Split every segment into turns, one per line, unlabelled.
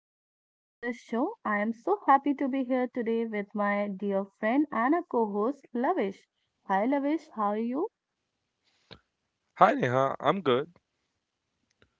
welcome back to the show. I am so happy to be here today with my dear friend and a co-host Lavish. Hi Lavish, how are you?
Hi Neha, I'm good.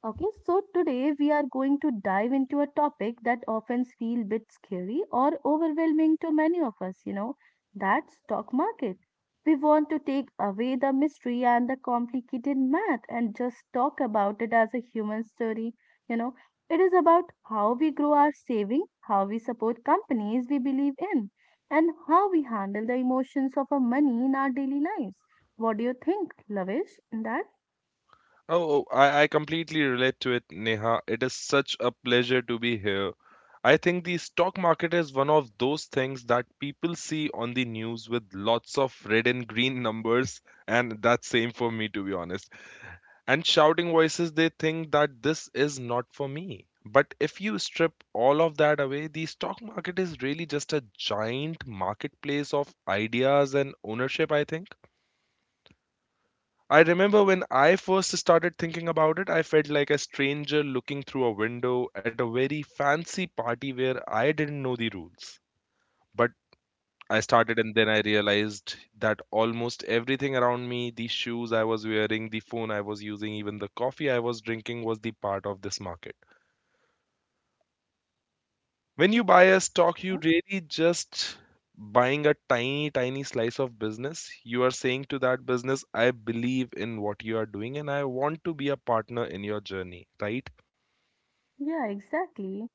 Okay, so today we are going to dive into a topic that often feels a bit scary or overwhelming to many of us, that's stock market. We want to take away the mystery and the complicated math and just talk about it as a human story, you know. It is about how we grow our saving, how we support companies we believe in, and how we handle the emotions of our money in our daily lives. What do you think, Lavish, in that?
Oh, I completely relate to it, Neha. It is such a pleasure to be here. I think the stock market is one of those things that people see on the news with lots of red and green numbers, and that's same for me to be honest. And shouting voices, they think that this is not for me. But if you strip all of that away, the stock market is really just a giant marketplace of ideas and ownership, I think. I remember when I first started thinking about it, I felt like a stranger looking through a window at a very fancy party where I didn't know the rules. But I started and then I realized that almost everything around me, the shoes I was wearing, the phone I was using, even the coffee I was drinking was the part of this market. When you buy a stock,
Mhm.
you really just buying a tiny, tiny slice of business. You are saying to that business, I believe in what you are doing and I want to be a partner in your journey, right?
Yeah, exactly.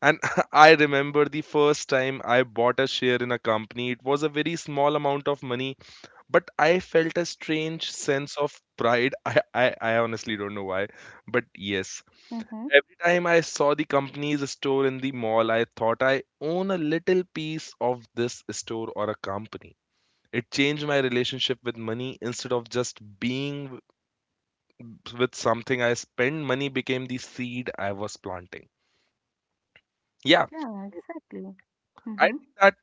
And I remember the first time I bought a share in a company. It was a very small amount of money, but I felt a strange sense of pride. I honestly don't know why, but yes,
Mm-hmm.
every time I saw the company's store in the mall, I thought I own a little piece of this store or a company. It changed my relationship with money. Instead of just being with something I spend, money became the seed I was planting. Yeah,
Yeah,
so
exactly.
I
Mm-hmm.
think that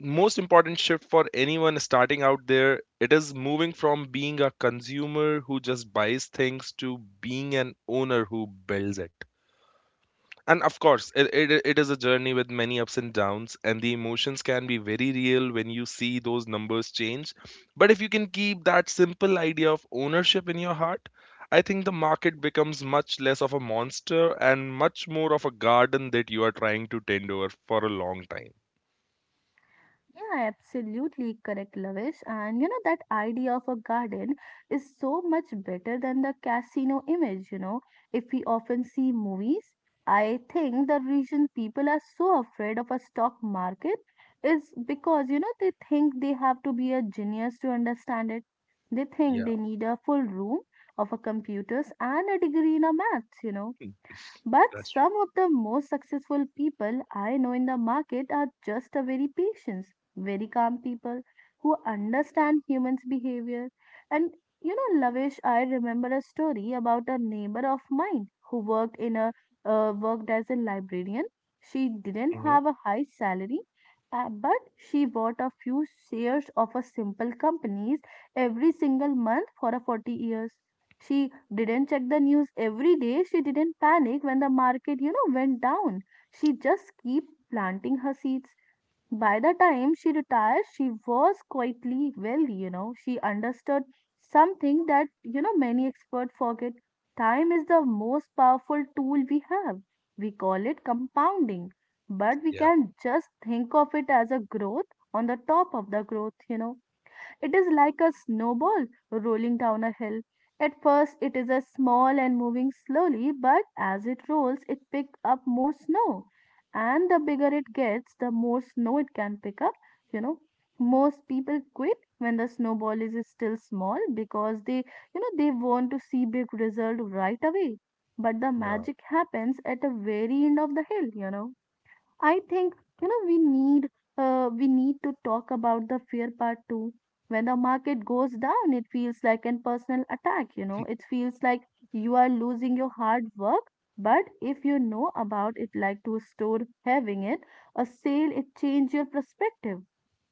most important shift for anyone starting out there, it is moving from being a consumer who just buys things to being an owner who builds it. And of course, it is a journey with many ups and downs, and the emotions can be very real when you see those numbers change. But if you can keep that simple idea of ownership in your heart, I think the market becomes much less of a monster and much more of a garden that you are trying to tend over for a long time.
Yeah, absolutely correct, Lavish. And that idea of a garden is so much better than the casino image. If we often see movies, I think the reason people are so afraid of a stock market is because they think they have to be a genius to understand it. They think
Yeah,
they need a full room of a computers and a degree in a maths. But
that's true.
some of the most successful people I know in the market are just a very patient, very calm people who understand humans' behavior. And Lavish, I remember a story about a neighbor of mine who worked in a worked as a librarian. She didn't
Hmm.
have a high salary, but she bought a few shares of a simple companies every single month for a 40 years. She didn't check the news every day. She didn't panic when the market, went down. She just keep planting her seeds. By the time she retired, she was quietly wealthy, She understood something that, many experts forget. Time is the most powerful tool we have. We call it compounding, but we
Yeah,
can just think of it as a growth on the top of the growth. It is like a snowball rolling down a hill. At first, it is a small and moving slowly, but as it rolls, it picks up more snow. And the bigger it gets, the more snow it can pick up. You know, most people quit when the snowball is still small because they, they want to see big result right away. But the
yeah,
magic happens at the very end of the hill. I think you know we need we need to talk about the fear part too. When the market goes down, it feels like an personal attack. It feels like you are losing your hard work. But if you know about it, like to store having it, a sale, it change your perspective.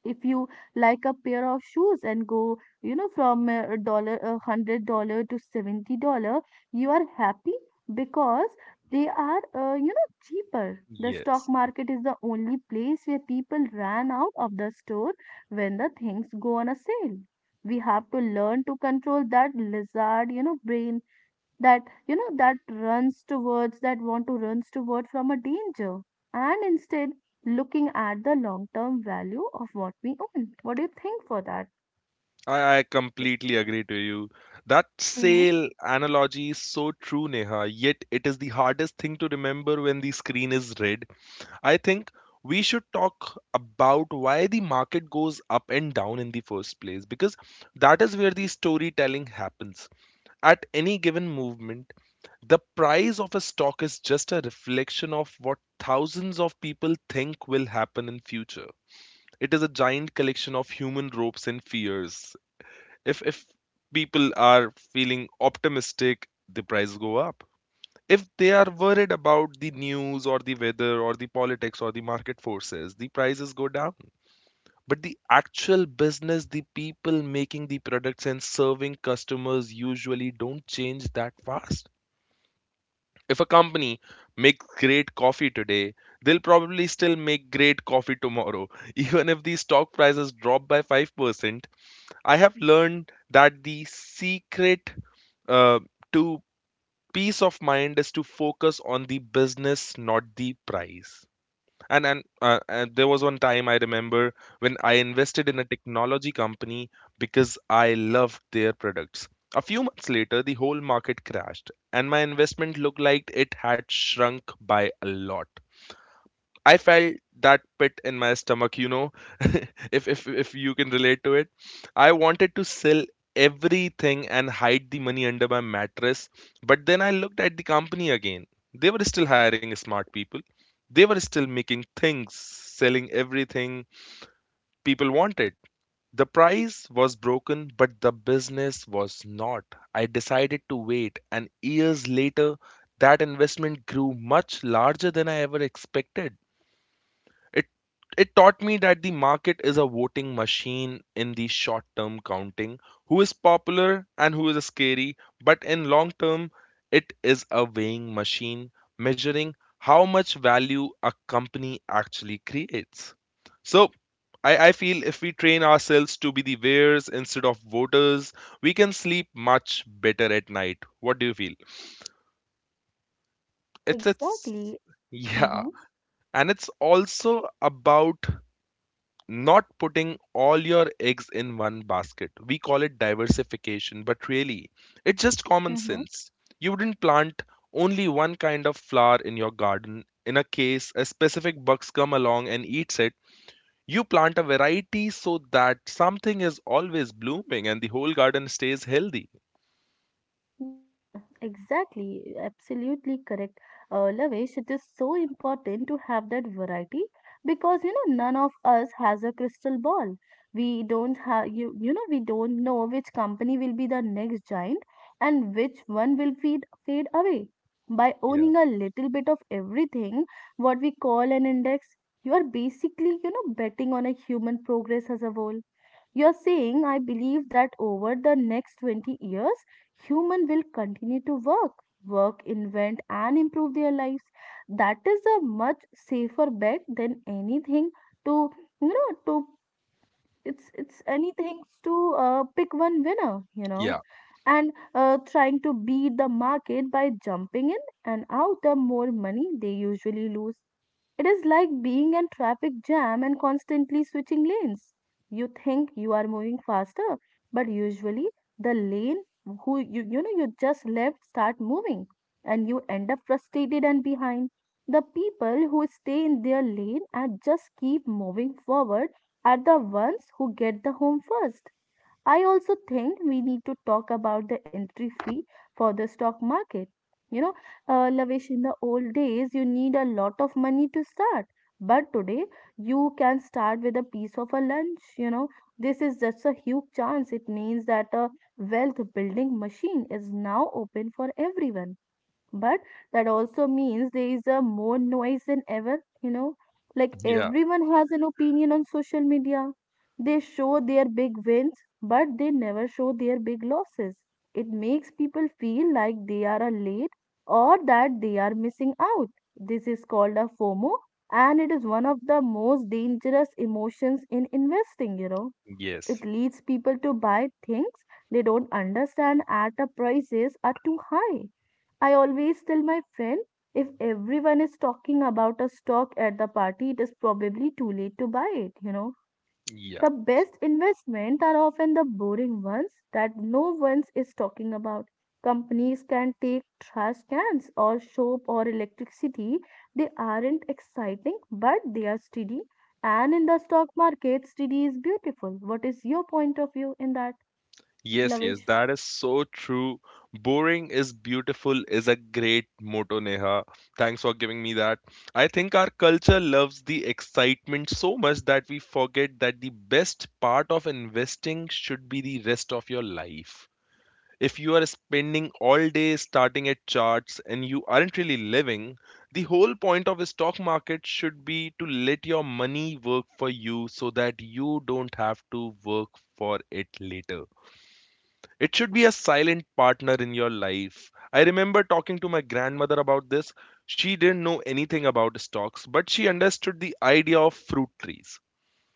If you like a pair of shoes and go, from a dollar, $100 to $70, you are happy because they are, cheaper. The stock
yes.
market is the only place where people ran out of the store when the things go on a sale. We have to learn to control that lizard, brain that, that runs towards, that want to runs toward from a danger. And instead, looking at the long-term value of what we own. What do you think for that?
I completely agree to you. That
Mm-hmm.
sale analogy is so true, Neha, yet it is the hardest thing to remember when the screen is red. I think we should talk about why the market goes up and down in the first place because that is where the storytelling happens. At any given movement, the price of a stock is just a reflection of what thousands of people think will happen in future. It is a giant collection of human ropes and fears. If people are feeling optimistic, the prices go up. If they are worried about the news or the weather or the politics or the market forces, the prices go down. But the actual business, the people making the products and serving customers, usually don't change that fast. If a company makes great coffee today, they'll probably still make great coffee tomorrow. Even if the stock prices drop by 5%. I have learned that the secret uh, to peace of mind is to focus on the business, not the price. And there was one time I remember when I invested in a technology company because I loved their products. A few months later the whole market crashed and my investment looked like it had shrunk by a lot. I felt that pit in my stomach, if you can relate to it. I wanted to sell everything and hide the money under my mattress, but then I looked at the company again. They were still hiring smart people. They were still making things, selling everything people wanted. The price was broken, but the business was not. I decided to wait, and years later, that investment grew much larger than I ever expected. It taught me that the market is a voting machine in the short term, counting who is popular and who is scary, but in long term it is a weighing machine, measuring how much value a company actually creates. So I feel if we train ourselves to be the weighers instead of voters, we can sleep much better at night. What do you feel? It's
Exactly.
Yeah.
Mm-hmm.
And it's also about not putting all your eggs in one basket. We call it diversification, but really, it's just common sense. You wouldn't plant only one kind of flower in your garden. In a case a specific bugs come along and eats it, you plant a variety so that something is always blooming and the whole garden stays healthy.
Yeah, exactly. Absolutely correct. Lavesh, it is so important to have that variety because none of us has a crystal ball. We don't have we don't know which company will be the next giant and which one will feed fade away. By
Yeah,
owning a little bit of everything, what we call an index, you are basically betting on a human progress as a whole. You're saying I believe that over the next 20 years, human will continue to work, invent, and improve their lives. That is a much safer bet than anything to you know to it's anything to pick one winner
yeah,
and trying to beat the market by jumping in and out the more money they usually lose. It is like being in traffic jam and constantly switching lanes. You think you are moving faster, but usually the lane who you just left start moving, and you end up frustrated and behind. The people who stay in their lane and just keep moving forward are the ones who get the home first. I also think we need to talk about the entry fee for the stock market. You know, Lavish, in the old days, you need a lot of money to start. But today, you can start with a piece of a lunch. This is just a huge chance. It means that a wealth building machine is now open for everyone, but that also means there is a more noise than ever like
yeah,
everyone has an opinion on social media. They show their big wins, but they never show their big losses. It makes people feel like they are a late or that they are missing out. This is called a fomo, and it is one of the most dangerous emotions in investing.
yes,
It leads people to buy things they don't understand at the prices are too high. I always tell my friend, if everyone is talking about a stock at the party, it is probably too late to buy it.
yeah.
The best investments are often the boring ones that no one is talking about. Companies can take trash cans or soap or electricity. They aren't exciting, but they are steady. And in the stock market, steady is beautiful. What is your point of view in that,
Yes, yes,
Lavish?
that is so true. Boring is beautiful is a great motto, Neha. Thanks for giving me that. I think our culture loves the excitement so much that we forget that the best part of investing should be the rest of your life. If you are spending all day starting at charts and you aren't really living, the whole point of a stock market should be to let your money work for you so that you don't have to work for it later. It should be a silent partner in your life. I remember talking to my grandmother about this. She didn't know anything about stocks, but she understood the idea of fruit trees.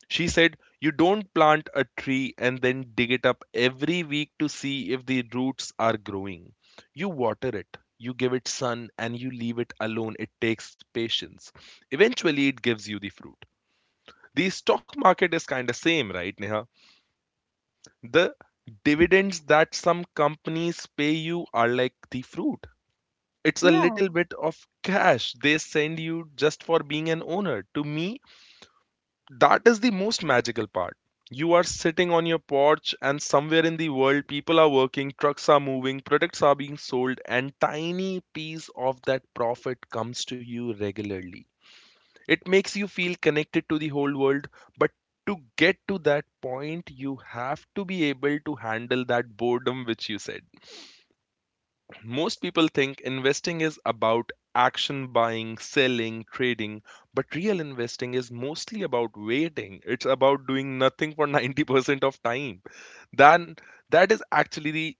She said, "You don't plant a tree and then dig it up every week to see if the roots are growing. You water it, you give it sun, and you leave it alone. It takes patience. Eventually, it gives you the fruit." The stock market is kind of same, right, Neha? The dividends that some companies pay you are like the fruit. It's a
Yeah.
little bit of cash they send you just for being an owner. To me, that is the most magical part. You are sitting on your porch, and somewhere in the world, people are working, trucks are moving, products are being sold, and tiny piece of that profit comes to you regularly. It makes you feel connected to the whole world, but to get to that point, you have to be able to handle that boredom which you said. Most people think investing is about action buying, selling, trading, but real investing is mostly about waiting. It's about doing nothing for 90% of time. Then that is actually the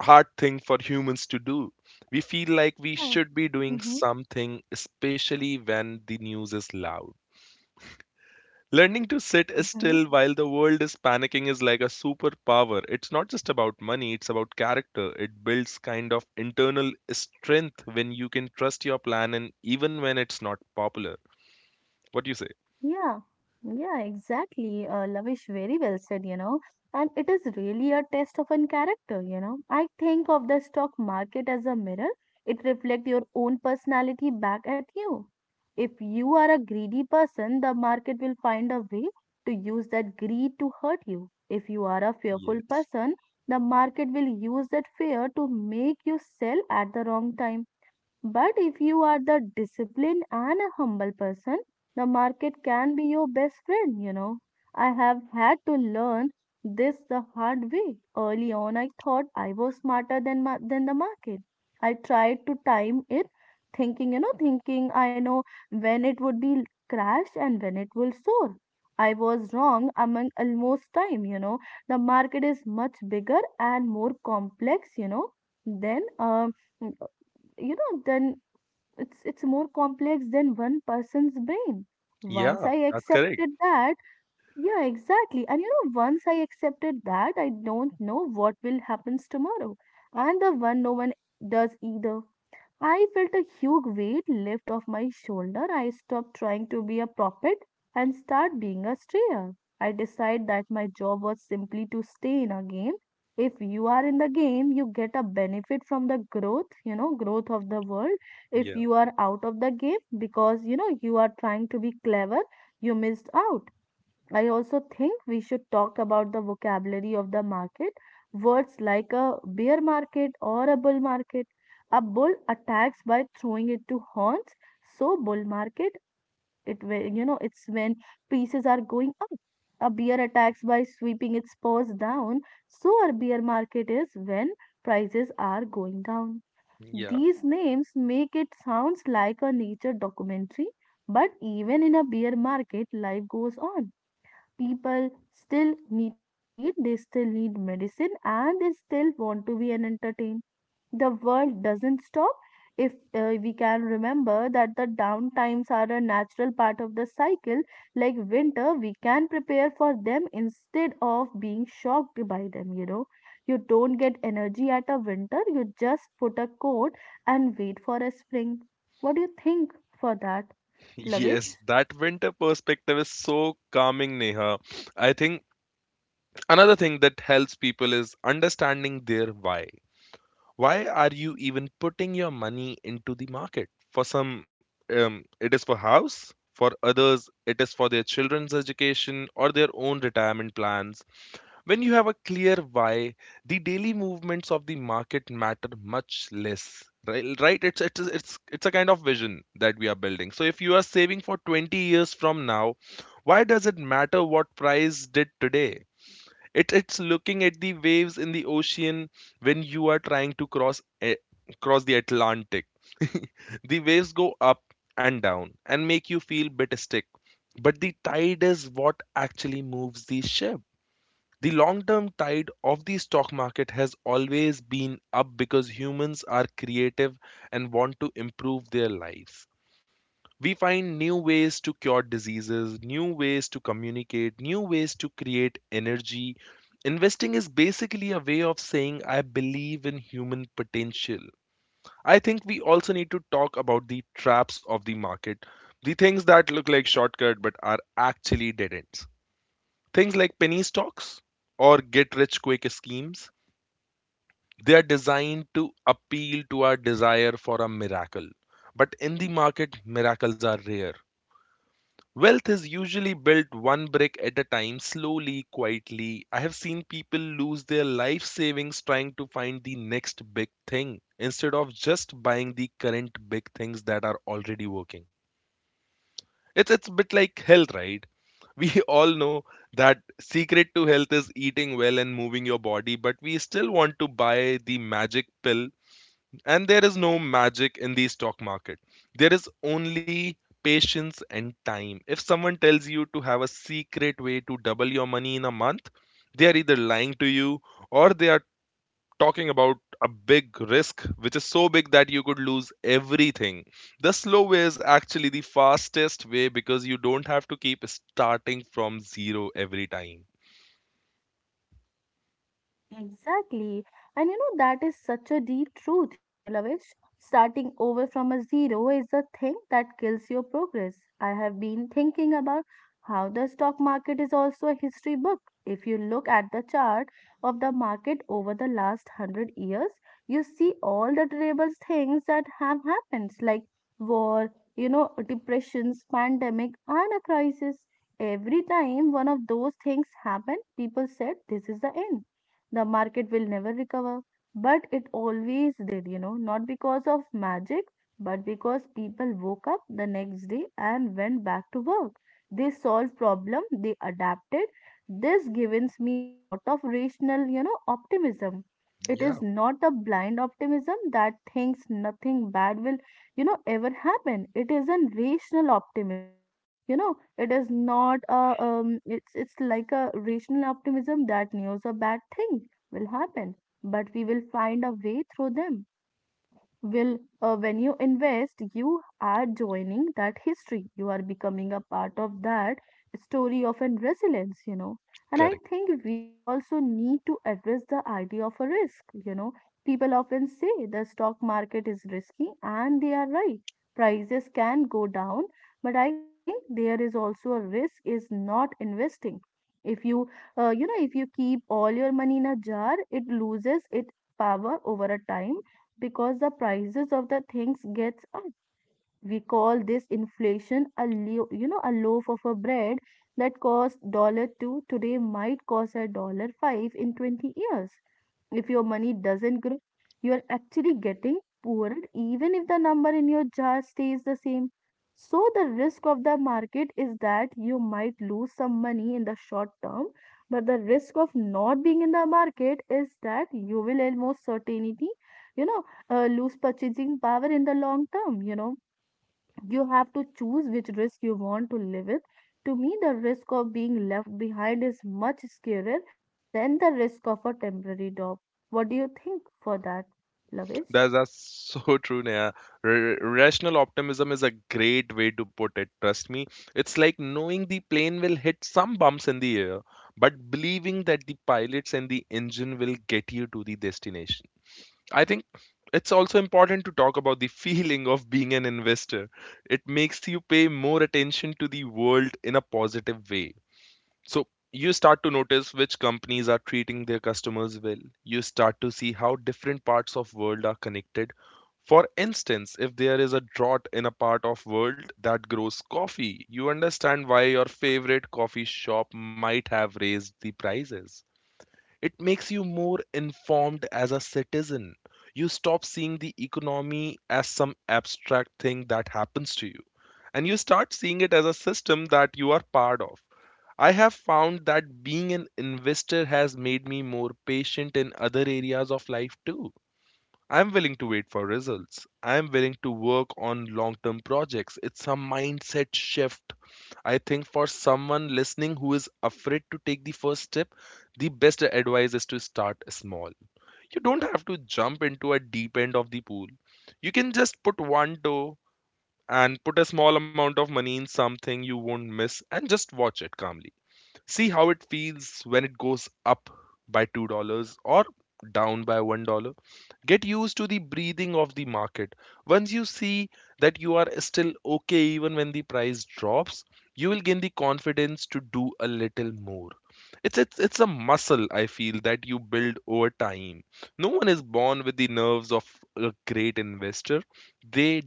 hard thing for humans to do. We feel like we
Yeah.
should be doing something, especially when the news is loud. Learning to sit still
Mhm.
while the world is panicking is like a superpower. It's not just about money, it's about character. It builds kind of internal strength when you can trust your plan and even when it's not popular. What do you say?
Yeah, yeah, exactly. Lavish, very well said. And it is really a test of an character. I think of the stock market as a mirror. It reflects your own personality back at you. If you are a greedy person, the market will find a way to use that greed to hurt you. If you are a fearful
Yes.
person, the market will use that fear to make you sell at the wrong time. But if you are the disciplined and a humble person, the market can be your best friend. I have had to learn this the hard way. Early on, I thought I was smarter than than the market. I tried to time it, thinking I know when it would be crash and when it will soar. I was wrong among almost time. The market is much bigger and more complex, than um, you know than it's more complex than one person's brain.
Yeah,
Once I
that's correct.
accepted that, yeah, exactly, and once I accepted that I don't know what will happens tomorrow, and the one no one does either. I felt a huge weight lift off my shoulder. I stopped trying to be a prophet and start being a strayer. I decided that my job was simply to stay in a game. If you are in the game, you get a benefit from the growth, growth of the world. If
Yeah,
you are out of the game because, you are trying to be clever, you missed out. I also think we should talk about the vocabulary of the market. Words like a bear market or a bull market. A bull attacks by throwing it to horns. So bull market, it it's when prices are going up. A bear attacks by sweeping its paws down. So a bear market is when prices are going down.
yeah.
These names make it sounds like a nature documentary, but even in a bear market, life goes on. People still need to eat, they still need medicine, and they still want to be an entertained. The world doesn't stop. If we can remember that the down times are a natural part of the cycle. Like winter, we can prepare for them instead of being shocked by them, you know. You don't get energy at a winter, you just put a coat and wait for a spring. What do you think for that, Lavish?
Yes, that winter perspective is so calming, Neha. I think another thing that helps people is understanding their why. Why are you even putting your money into the market? For some it is for house, for others it is for their children's education or their own retirement plans. When you have a clear why, the daily movements of the market matter much less, right, right? It's a kind of vision that we are building. So if you are saving for 20 years from now, why does it matter what price did today? It's looking at the waves in the ocean when you are trying to cross a, cross the Atlantic. The waves go up and down and make you feel bit stick. But the tide is what actually moves the ship. The long-term tide of the stock market has always been up because humans are creative and want to improve their lives. We find new ways to cure diseases, new ways to communicate, new ways to create energy. Investing is basically a way of saying, I believe in human potential. I think we also need to talk about the traps of the market, the things that look like shortcut but are actually dead ends. Things like penny stocks or get rich quick schemes, they are designed to appeal to our desire for a miracle. But in the market, miracles are rare. Wealth is usually built one brick at a time, slowly, quietly. I have seen people lose their life savings trying to find the next big thing instead of just buying the current big things that are already working. It's a bit like health, right? We all know that secret to health is eating well and moving your body, but we still want to buy the magic pill. And there is no magic in the stock market. There is only patience and time. If someone tells you to have a secret way to double your money in a month, they are either lying to you or they are talking about a big risk which is so big that you could lose everything. The slow way is actually the fastest way because you don't have to keep starting from zero every time.
Exactly. And that is such a deep truth, Lavish. Starting over from a zero is the thing that kills your progress. I have been thinking about how the stock market is also a history book. If you look at the chart of the market over the last hundred years, you see all the terrible things that have happened, like war, depressions, pandemic, and a crisis. Every time one of those things happened, people said, "This is the end, the market will never recover." But it always did, not because of magic, but because people woke up the next day and went back to work. They solved problem, they adapted. This gives me a lot of rational, optimism. It is
Yeah,
not a blind optimism that thinks nothing bad will, ever happen. It is an rational optimism it is not a it's like a rational optimism that knows a bad thing will happen, but we will find a way through them. You know, will When you invest, you are joining that history. You are becoming a part of that story of an resilience. And I
correct.
think we also need to address the idea of a risk. People often say the stock market is risky, and they are right. Prices can go down, but I think there is also a risk is not investing if you you know if you keep all your money in a jar, it loses its power over a time because the prices of the things gets up. We call this inflation a lo- you know a loaf of a bread that cost dollar 2 today might cost a dollar 5 in 20 years. If your money doesn't grow, you are actually getting poorer even if the number in your jar stays the same. So, the risk of the market is that you might lose some money in the short term, but the risk of not being in the market is that you will almost certainty, you know, lose purchasing power in the long term. You have to choose which risk you want to live with. To me, the risk of being left behind is much scarier than the risk of a temporary job. What do you think for that, Lavish?
That's so true, Neha. Rational optimism is a great way to put it. Trust me, it's like knowing the plane will hit some bumps in the air, but believing that the pilots and the engine will get you to the destination. I think it's also important to talk about the feeling of being an investor. It makes you pay more attention to the world in a positive way. So you start to notice which companies are treating their customers well. You start to see how different parts of world are connected. For instance, if there is a drought in a part of world that grows coffee, you understand why your favorite coffee shop might have raised the prices. It makes you more informed as a citizen. You stop seeing the economy as some abstract thing that happens to you, and you start seeing it as a system that you are part of. I have found that being an investor has made me more patient in other areas of life too. I'm willing to wait for results. I'm willing to work on long term projects. It's a mindset shift. I think for someone listening who is afraid to take the first step, the best advice is to start small. You don't have to jump into a deep end of the pool. You can just put one toe and put a small amount of money in something you won't miss and just watch it calmly. See how it feels when it goes up by $2 or down by $1. Get used to the breathing of the market. Once you see that you are still okay even when the price drops, you will gain the confidence to do a little more. It's a muscle I feel that you build over time. No one is born with the nerves of a great investor. They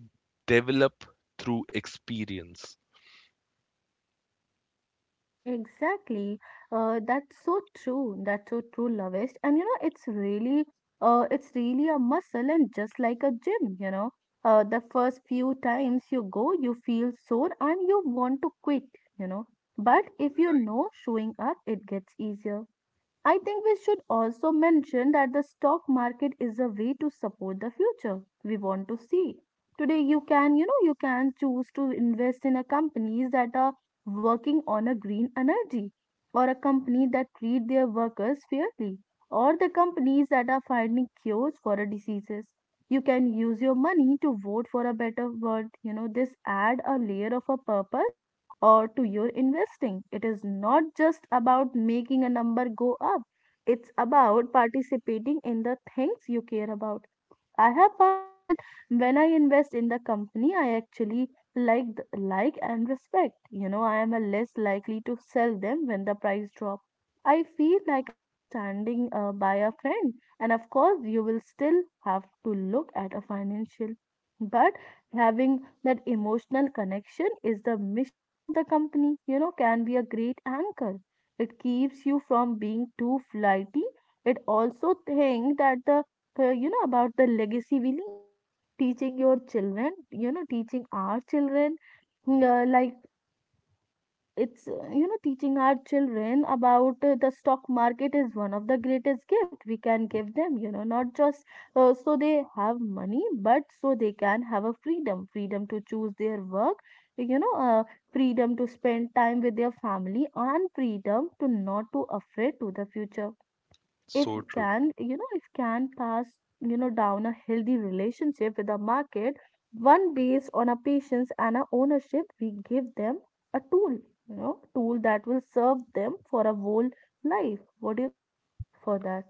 develop through experience.
Exactly. That's so true. That's so true, Lavish. And you know, it's really a muscle, and just like a gym, the first few times you go, you feel sore and you want to quit, you know. But if you know showing up, it gets easier. I think we should also mention that the stock market is a way to support the future we want to see. Today you can, you can choose to invest in a companies that are working on a green energy or a company that treat their workers fairly or the companies that are finding cures for a diseases. You can use your money to vote for a better world. This add a layer of a purpose or to your investing. It is not just about making a number go up, it's about participating in the things you care about. I have found that when I invest in the company, I actually like and respect. I am a less likely to sell them when the price drop. I feel like I am standing by a friend, and of course, you will still have to look at a financial. But having that emotional connection is the mission of the company. You know, can be a great anchor. It keeps you from being too flighty. It also think that the about the legacy we leave, teaching your children you know teaching our children, like it's you know teaching our children about, the stock market is one of the greatest gift we can give them, you know, not just, so they have money but so they can have a freedom to choose their work, you know uh, freedom to spend time with their family and freedom to not to afraid to the future.
So true.
If can pass down a healthy relationship with the market, one based on a patience and a ownership, we give them a tool you know tool that will serve them for a whole life. What do you think for that,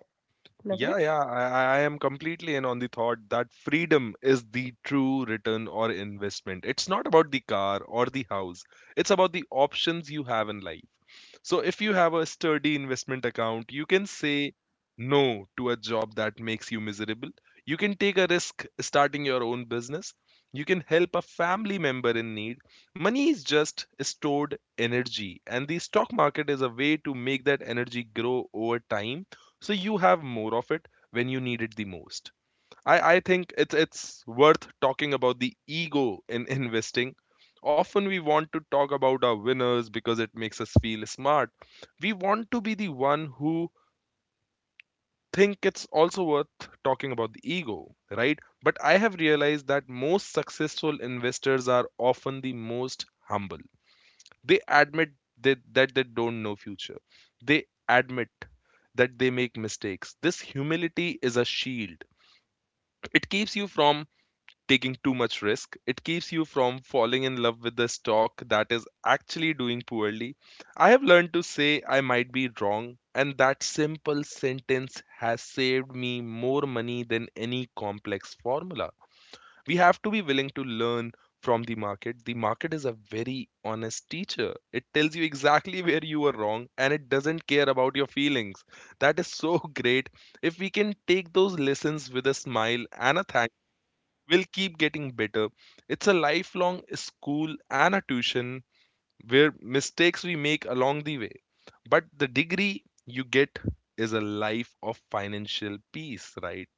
Yeah,
Lavish?
yeah, I am completely in on the thought that freedom is the true return or investment. It's not about the car or the house, it's about the options you have in life. So if you have a sturdy investment account, you can say no to a job that makes you miserable. You can take a risk starting your own business. You can help a family member in need. Money is just stored energy, and the stock market is a way to make that energy grow over time so you have more of it when you need it the most. I think it's worth talking about the ego in investing. Often we want to talk about our winners because it makes us feel smart. We want to be the one who think it's also worth talking about the ego, right? But I have realized that most successful investors are often the most humble. They admit that they don't know future. They admit that they make mistakes. This humility is a shield. It keeps you from taking too much risk. It keeps you from falling in love with the stock that is actually doing poorly. I have learned to say I might be wrong, and that simple sentence has saved me more money than any complex formula. We have to be willing to learn from the market. The market is a very honest teacher. It tells you exactly where you were wrong and it doesn't care about your feelings. That is so great. If we can take those lessons with a smile and a thank will keep getting better. It's a lifelong school and a tuition where mistakes we make along the way. But the degree you get is a life of financial peace, right?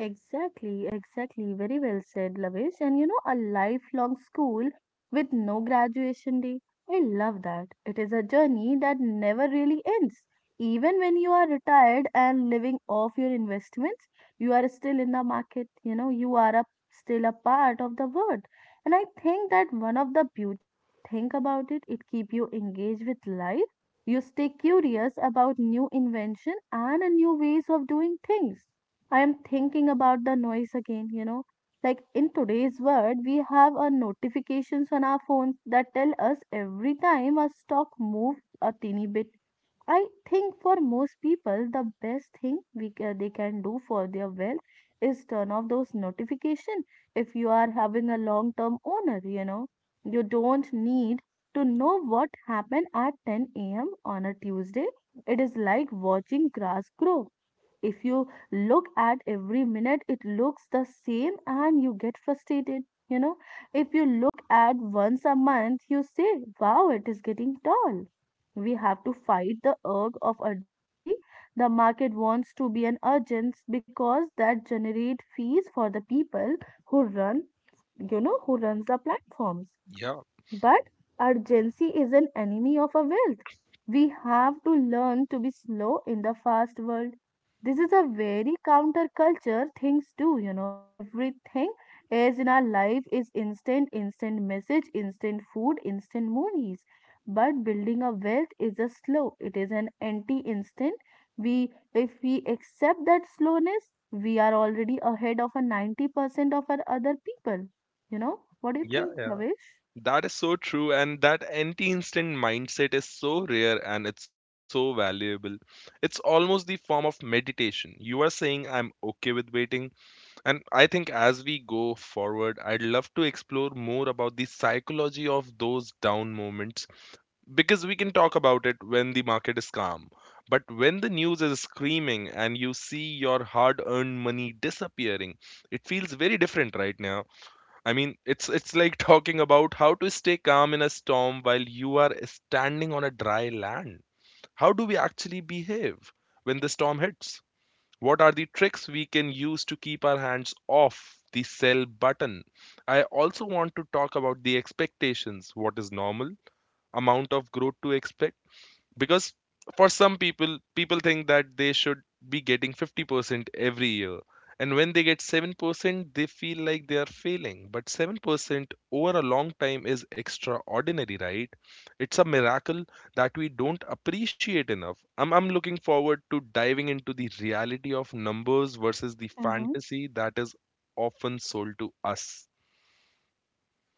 Exactly, exactly. Very well said, Lavish. And you know, a lifelong school with no graduation day. I love that. It is a journey that never really ends. Even when you are retired and living off your investments, you are still in the market. You are still a part of the world. And I think that one of the beautiful thing about it, it keep you engaged with life. You stay curious about new invention and a new ways of doing things. I am thinking about the noise again, you know. Like in today's world, we have our notifications on our phones that tell us every time our stock moves a teeny bit. I think for most people, the best thing they can do for their wealth is turn off those notifications. If you are having a long-term owner, you don't need to know what happened at 10 a.m. on a Tuesday. It is like watching grass grow. If you look at every minute, it looks the same and you get frustrated. You know, if you look at once a month, you say, wow, it is getting tall. We have to fight the urge of urgency. The market wants to be an urgent because that generate fees for the people who run, who runs the platforms.
Yeah.
But urgency is an enemy of our wealth. We have to learn to be slow in the fast world. This is a very counterculture things do. Everything is in our life is instant, instant message, instant food, instant movies. But building a wealth is a slow. It is an anti-instant. We if we accept that slowness, we are already ahead of a 90% of our other people. You know? What do you
Yeah,
think, Navesh?
that is so true, and that anti instant mindset is so rare and it's so valuable. It's almost the form of meditation. You are saying, I'm okay with waiting. And I think as we go forward, I'd love to explore more about the psychology of those down moments because we can talk about it when the market is calm. But when the news is screaming and you see your hard-earned money disappearing, it feels very different right now. I mean, it's like talking about how to stay calm in a storm while you are standing on a dry land. How do we actually behave when the storm hits? What are the tricks we can use to keep our hands off the sell button? I also want to talk about the expectations. What is normal amount of growth to expect? Because for some people people think that they should be getting 50% every year, and when they get 7% they feel like they are failing, but 7% over a long time is extraordinary, right? It's a miracle that we don't appreciate enough. I'm looking forward to diving into the reality of numbers versus the
Mm-hmm.
fantasy that is often sold to us.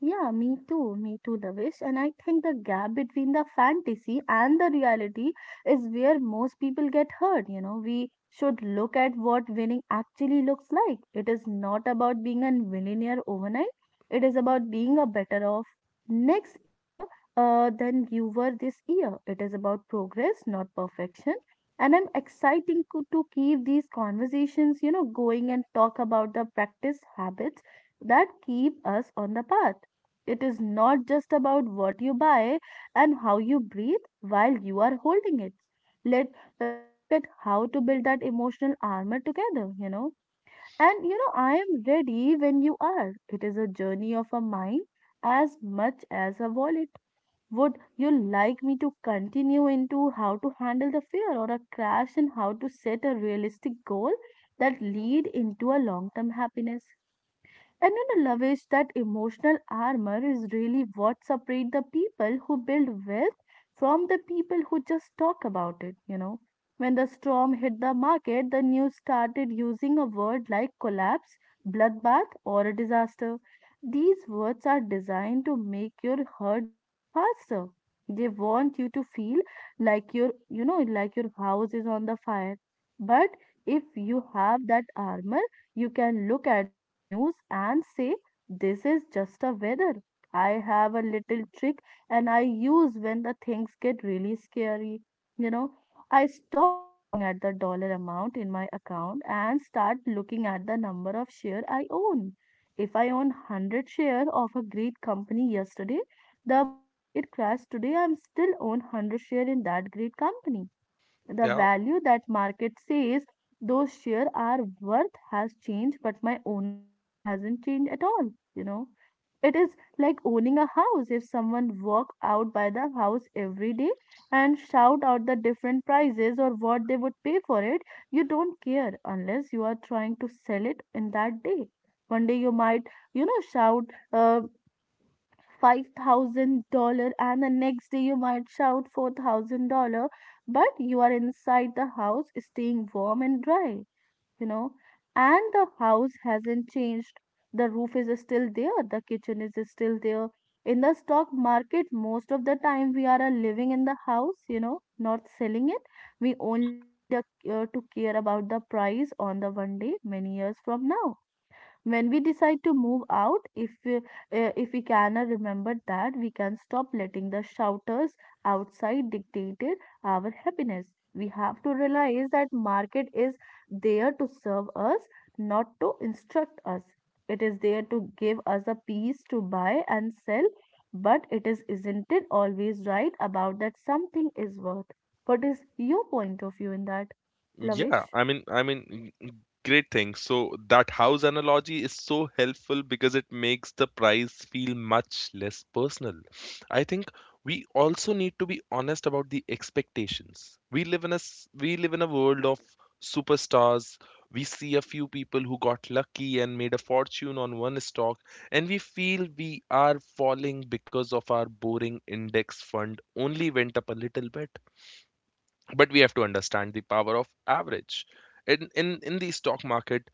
Yeah, me too. Me too, Davish. And I think the gap between the fantasy and the reality is where most people get hurt. We should look at what winning actually looks like. It is not about being a millionaire overnight, it is about being a better off next year, than you were this year. It is about progress, not perfection. And I'm to keep these conversations, going and talk about the practice habits that keep us on the path. It is not just about what you buy and how you breathe while you are holding it. Let look at how to build that emotional armor together. And I am ready when you are. It is a journey of a mind as much as a wallet. Would you like me to continue into how to handle the fear or a crash and how to set a realistic goal that lead into a long-term happiness? And love is that emotional armor is really what separates the people who build wealth from the people who just talk about it. When the storm hit the market, the news started using a word like collapse, bloodbath, or a disaster. These words are designed to make your heart beat faster. They want you to feel like like your house is on the fire. But if you have that armor, you can look at the news and say, this is just a weather. I have a little trick and I use when the things get really scary. You know, I stop looking at the dollar amount in my account and start looking at the number of share I own. If I own 100 share of a great company yesterday, the market crashed today, I'm still own 100 share in that great company. The
Yeah?
value that market says those share are worth has changed, but my ownership hasn't changed at all you know it is like owning a house. If someone walk out by the house every day and shout out the different prices or what they would pay for it, you don't care unless you are trying to sell it in that day. One day you might shout uh, $5,000 and the next day you might shout $4,000, but you are inside the house staying warm and dry, you know. And the house hasn't changed. The roof is still there, the kitchen is still there. In the stock market, most of the time we are living in the house, you know, not selling it. We only need to care about the price on the one day many years from now when we, decide to move out if if we can remember that we can stop letting the shouters outside dictated our happiness. We have to realize that market is there to serve us, not to instruct us. It is there to give us a piece to buy and sell, but it is isn't it always right about that something is worth. What is your point of view in that,
Yeah,
Lavish?
I mean, great thing. So that house analogy is so helpful because it makes the price feel much less personal. I think we also need to be honest about the expectations. We live in a world of superstars. We see a few people who got lucky and made a fortune on one stock, and we feel we are falling because of our boring index fund only went up a little bit, but we have to understand the power of average in the stock market.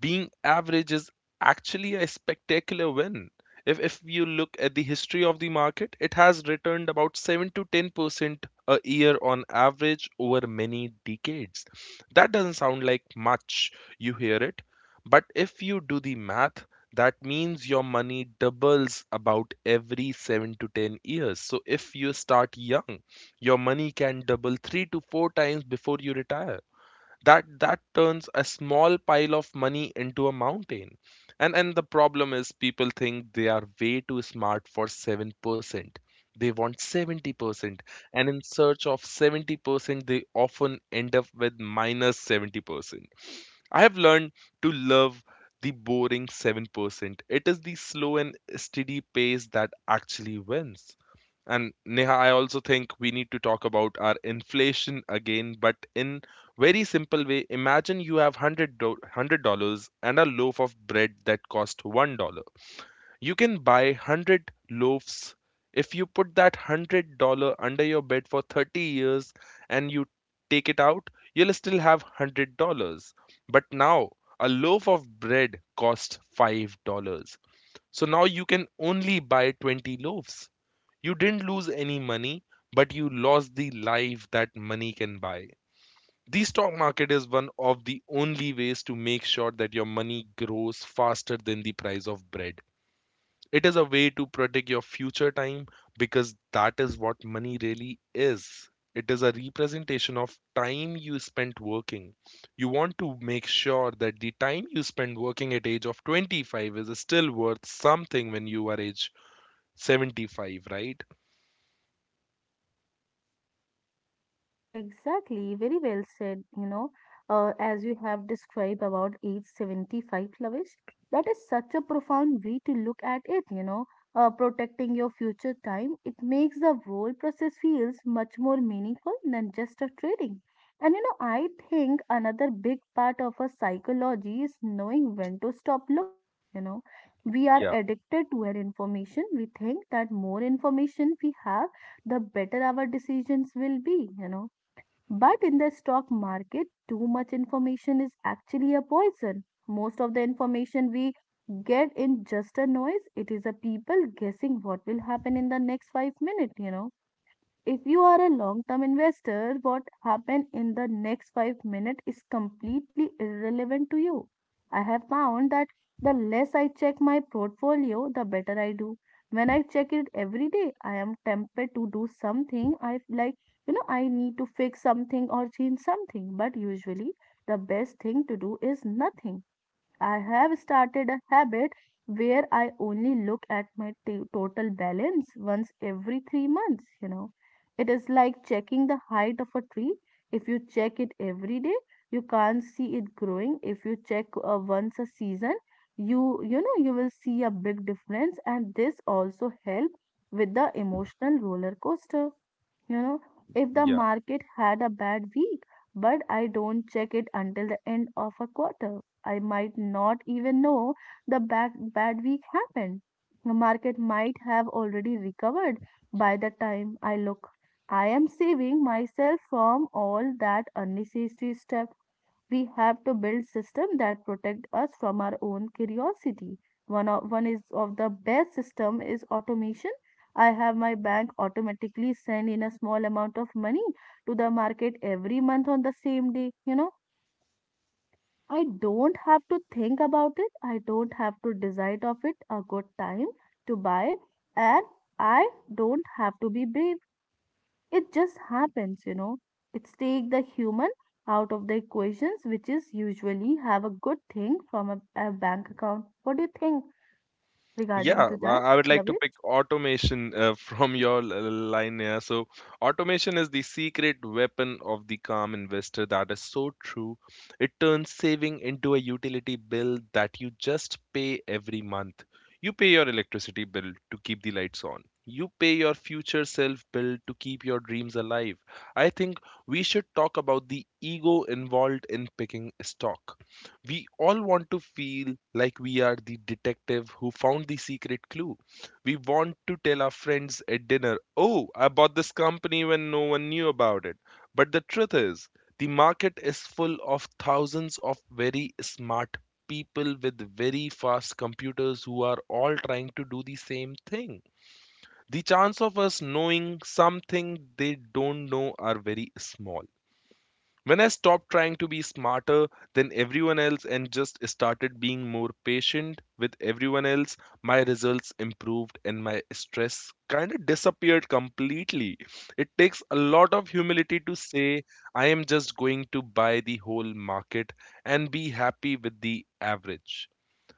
Being average is actually a spectacular win. If you look at the history of the market, it has returned about 7 to 10% a year on average over many decades. That doesn't sound like much, you hear it, but if you do the math, that means your money doubles about every 7 to 10 years. So if you start young, your money can double three to four times before you retire. That turns a small pile of money into a mountain. And the problem is people think they are way too smart for 7%. They want 70%. And in search of 70%, they often end up with 70%. I have learned to love the boring 7%. It is the slow and steady pace that actually wins. And Neha, I also think we need to talk about our inflation again, but in very simple way. Imagine you have $100 and a loaf of bread that cost $1. You can buy hundred loaves if you put that $100 under your bed for 30 years and you take it out. You'll still have $100. But now a loaf of bread costs $5. So now you can only buy 20 loaves. You didn't lose any money, but you lost the life that money can buy. The stock market is one of the only ways to make sure that your money grows faster than the price of bread. It is a way to protect your future time because that is what money really is. It is a representation of time you spent working. You want to make sure that the time you spend working at age of 25 is still worth something when you are age 75, right?
Exactly, very well said. As you have described about age 75, Lavish, that is such a profound way to look at it. Protecting your future time, it makes the whole process feels much more meaningful than just a trading. I think another big part of our psychology is knowing when to stop looking. We are
Yeah,
addicted to an information. We think that more information we have, the better our decisions will be. But in the stock market, too much information is actually a poison. Most of the information we get in just a noise. It is a people guessing what will happen in the next 5 minutes, if you are a long term investor, what happened in the next 5 minutes is completely irrelevant to you. I have found that the less I check my portfolio, the better I do. When I check it every day, I am tempted to do something. I f- like, you know, I need to fix something or change something. But usually, the best thing to do is nothing. I have started a habit where I only look at my total balance once every 3 months. You know, it is like checking the height of a tree. If you check it every day, you can't see it growing. If you check once a season, you know you will see a big difference. And this also help with the emotional roller coaster you know if the
yeah.
market had a bad week but I don't check it until the end of a quarter. I might not even know the bad week happened. The market might have already recovered by the time I look. I am saving myself from all that unnecessary stuff. We have to build systems that protect us from our own curiosity. One of one is of the best system is automation. I have my bank automatically send in a small amount of money to the market every month on the same day. You know, I don't have to think about it. I don't have to decide of it a good time to buy, and I don't have to be brave. It just happens, you know. It's take the human out of the equations, which is usually have a good thing from a bank account. What do you think regarding
Yeah,
to that,
I would like to pick
Lavish?
automation from your line here. So, automation is the secret weapon of the calm investor. That is so true. It turns saving into a utility bill that you just pay every month. You pay your electricity bill to keep the lights on. You pay your future self bill to keep your dreams alive. I think we should talk about the ego involved in picking stock. We all want to feel like we are the detective who found the secret clue. We want to tell our friends at dinner, oh, I bought this company when no one knew about it. But the truth is, the market is full of thousands of very smart people with very fast computers who are all trying to do the same thing. The chance of us knowing something they don't know are very small. When I stopped trying to be smarter than everyone else and just started being more patient with everyone else, my results improved and my stress kind of disappeared completely. It takes a lot of humility to say, I am just going to buy the whole market and be happy with the average.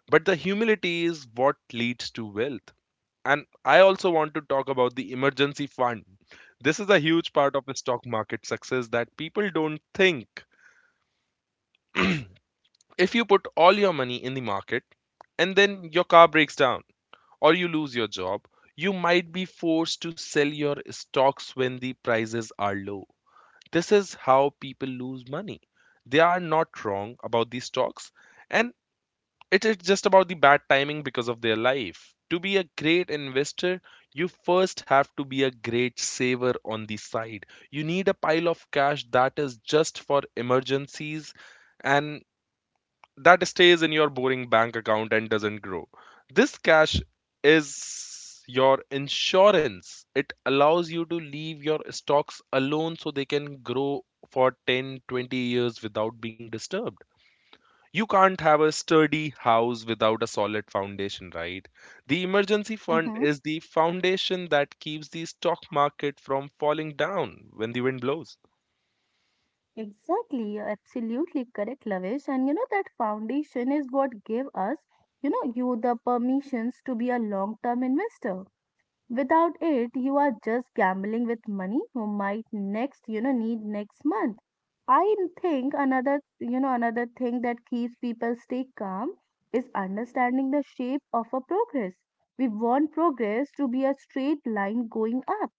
But the humility is what leads to wealth. And I also want to talk about the emergency fund. This is a huge part of the stock market success that people don't think. If you put all your money in the market and then your car breaks down or you lose your job, you might be forced to sell your stocks when the prices are low. This is how people lose money. They are not wrong about these stocks, and it is just about the bad timing because of their life. To be a great investor, you first have to be a great saver on the side. You need a pile of cash that is just for emergencies and that stays in your boring bank account and doesn't grow. This cash is your insurance. It allows you to leave your stocks alone so they can grow for 10, 20 years without being disturbed. You can't have a sturdy house without a solid foundation, right? The emergency fund
Mm-hmm.
is the foundation that keeps the stock market from falling down when the wind blows.
Exactly, you're absolutely correct, Lavish. And you know that foundation is what gave us, you know, you the permissions to be a long-term investor. Without it, you are just gambling with money you might next, you know, need next month. I think another, you know, another thing that keeps people stay calm is understanding the shape of a progress. We want progress to be a straight line going up,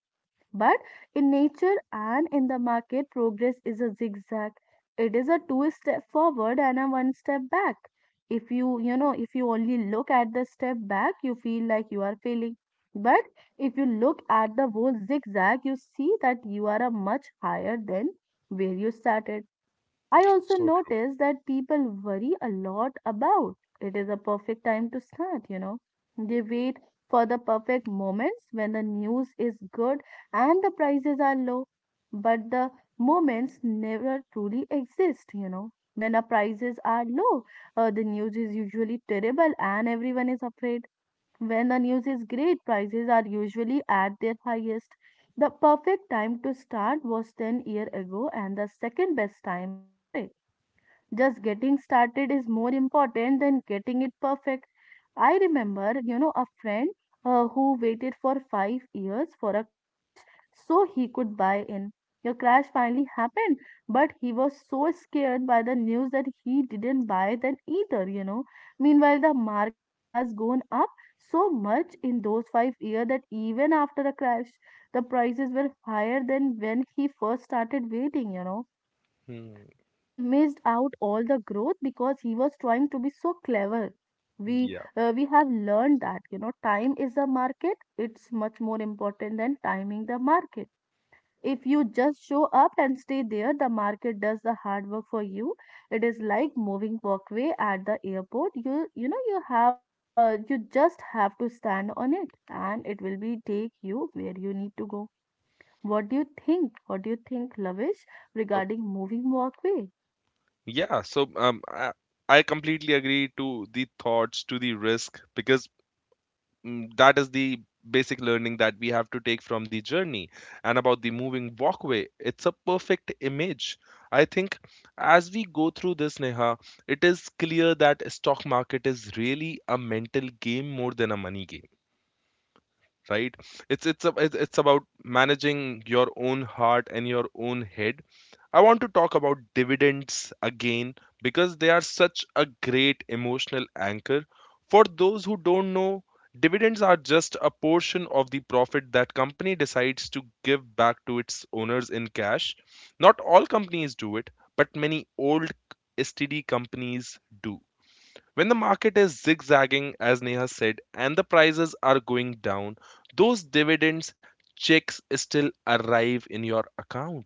but in nature and in the market, progress is a zigzag. It is a two step forward and a one step back. If you only look at the step back, you feel like you are failing. But if you look at the whole zigzag, you see that you are a much higher than where you started. I also
So true.
notice that people worry a lot about it is a perfect time to start, you know. They wait for the perfect moments when the news is good and the prices are low, but the moments never truly exist, you know. When the prices are low, the news is usually terrible and everyone is afraid. When the news is great, prices are usually at their highest. The perfect time to start was 10 years ago, and the second best time is today. Just getting started is more important than getting it perfect. I remember, you know, a friend who waited for 5 years for a crash so he could buy in. Your crash finally happened, but he was so scared by the news that he didn't buy that either, you know. Meanwhile, the market has gone up so much in those 5 years that even after the crash, the prices were higher than when he first started waiting,
Hmm,
he missed out all the growth because he was trying to be so clever. we
yeah.
we have learned that, you know, time is a market. It's much more important than timing the market. If you just show up and stay there, the market does the hard work for you. It is like moving walkway at the airport. You know you have you just have to stand on it and it will be take you where you need to go. What do you think, Lavish, regarding moving walkway?
Yeah, so I completely agree to the thoughts, to the risk, because that is the basic learning that we have to take from the journey. And about the moving walkway, it's a perfect image. I think as we go through this, Neha, it is clear that stock market is really a mental game more than a money game, right? It's it's about managing your own heart and your own head. I want to talk about dividends again, because they are such a great emotional anchor. For those who don't know, dividends are just a portion of the profit that company decides to give back to its owners in cash. Not all companies do it, but many old std companies do. When the market is zigzagging, as Neha said, and the prices are going down, those dividends checks still arrive in your account.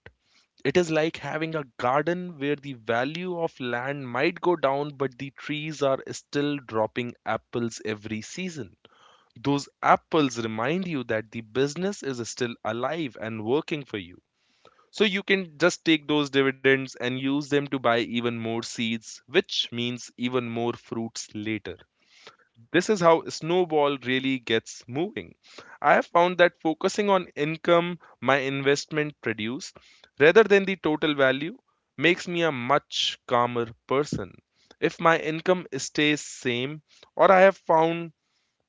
It is like having a garden where the value of land might go down, but the trees are still dropping apples every season. Those apples remind you that the business is still alive and working for you. So you can just take those dividends and use them to buy even more seeds, which means even more fruits later. This is how snowball really gets moving. I have found that focusing on income my investment produce rather than the total value makes me a much calmer person. If my income stays same, or I have found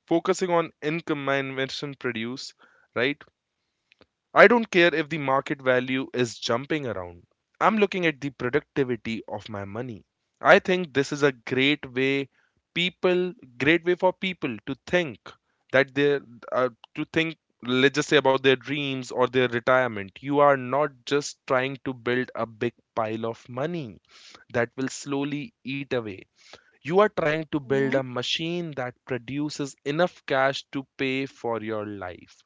focusing on income my investment produce, right, I don't care if the market value is jumping around. I'm looking at the productivity of my money. I think this is a great way, people great way for people to think that they uh, to think, let's just say, about their dreams or their retirement. You are not just trying to build a big pile of money that will slowly eat away. You are trying to build
Mhm.
a machine that produces enough cash to pay for your life,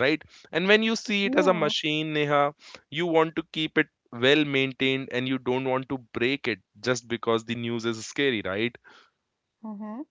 right? And when you see it as a
Yeah,
machine, Neha, you want to keep it well maintained and you don't want to break it just because the news is scary, right?
uh huh,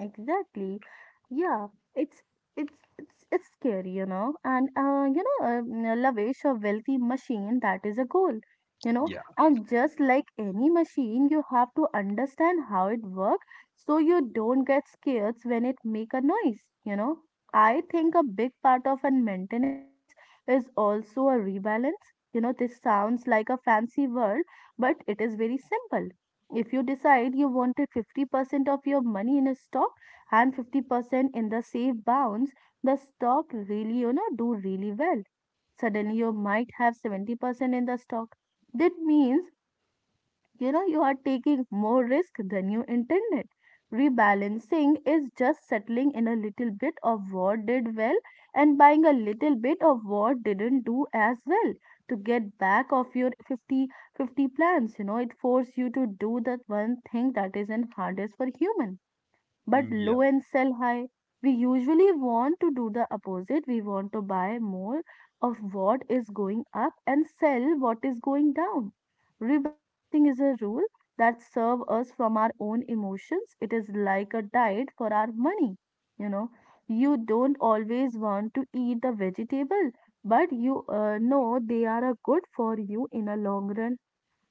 exactly. Yeah, it's it's it's scary, you know. And Lavish, a wealthy machine, that is a goal, you know.
Yeah,
And just like any machine, you have to understand how it works so you don't get scared when it make a noise, you know. I think a big part of a maintenance is also a rebalance. You know, this sounds like a fancy word, but it is very simple. If you decide you wanted 50% of your money in a stock and 50% in the safe bounds, the stock really, you know, do really well. Suddenly you might have 70% in the stock. That means, you know, you are taking more risk than you intended. Rebalancing is just settling in a little bit of what did well and buying a little bit of what didn't do as well to get back of your 50-50 plans. You know, it forces you to do that one thing that isn't hardest for human but
yeah,
low and sell high. We usually want to do the opposite. We want to buy more of what is going up and sell what is going down. Rebalancing is a rule that serve us from our own emotions. It is like a diet for our money. You know, you don't always want to eat the vegetable, but you know they are a good for you in a long run.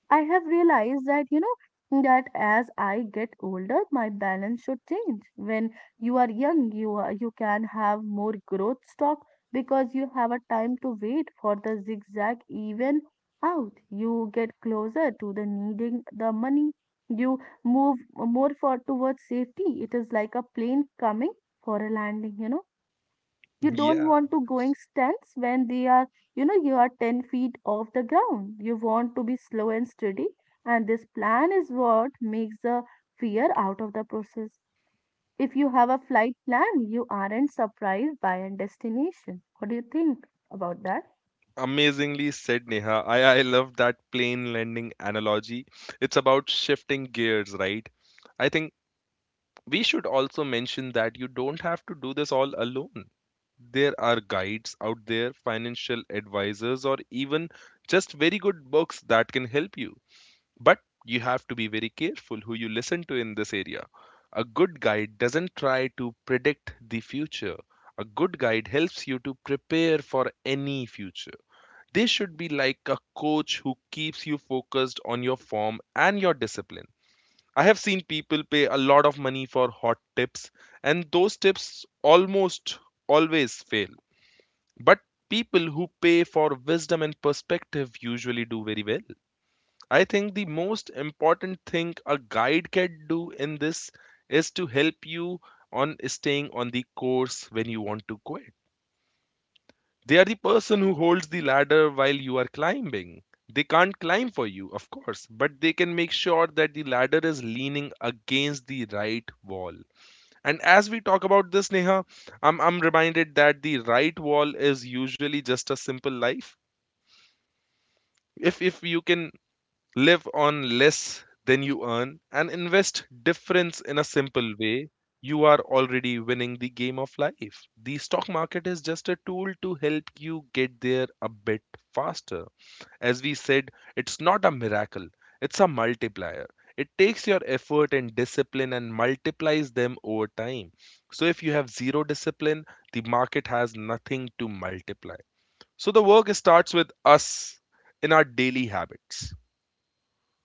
I have realized that, you know, that as I get older, my balance should change. When you are young, you are, You can have more growth stock because you have a time to wait for the zigzag even out. You get closer to the needing the money. You move more for towards safety. It is like a plane coming for a landing, you don't
yeah.
want to going stunts when they are, you know, you are 10 feet off the ground. You want to be slow and steady. And this plan is what makes the fear out of the process. If you have a flight plan, you aren't surprised by a destination. What do you think about that?
Amazingly said, Neha. I love that plane landing analogy. It's about shifting gears, right? I think we should also mention that you don't have to do this all alone. There are guides out there, financial advisors, or even just very good books that can help you. But you have to be very careful who you listen to in this area. A good guide doesn't try to predict the future. A good guide helps you to prepare for any future. They should be like a coach who keeps you focused on your form and your discipline. I have seen people pay a lot of money for hot tips, and those tips almost always fail. But people who pay for wisdom and perspective usually do very well. I think the most important thing a guide can do in this is to help you on staying on the course when you want to quit. They are the person who holds the ladder while you are climbing. They can't climb for you, of course, but they can make sure that the ladder is leaning against the right wall. And as we talk about this, Neha, I'm reminded that the right wall is usually just a simple life. If you can live on less than you earn and invest difference in a simple way, you are already winning the game of life. The stock market is just a tool to help you get there a bit faster. As we said, it's not a miracle, it's a multiplier. It takes your effort and discipline and multiplies them over time. So if you have zero discipline, the market has nothing to multiply. So the work starts with us in our daily habits.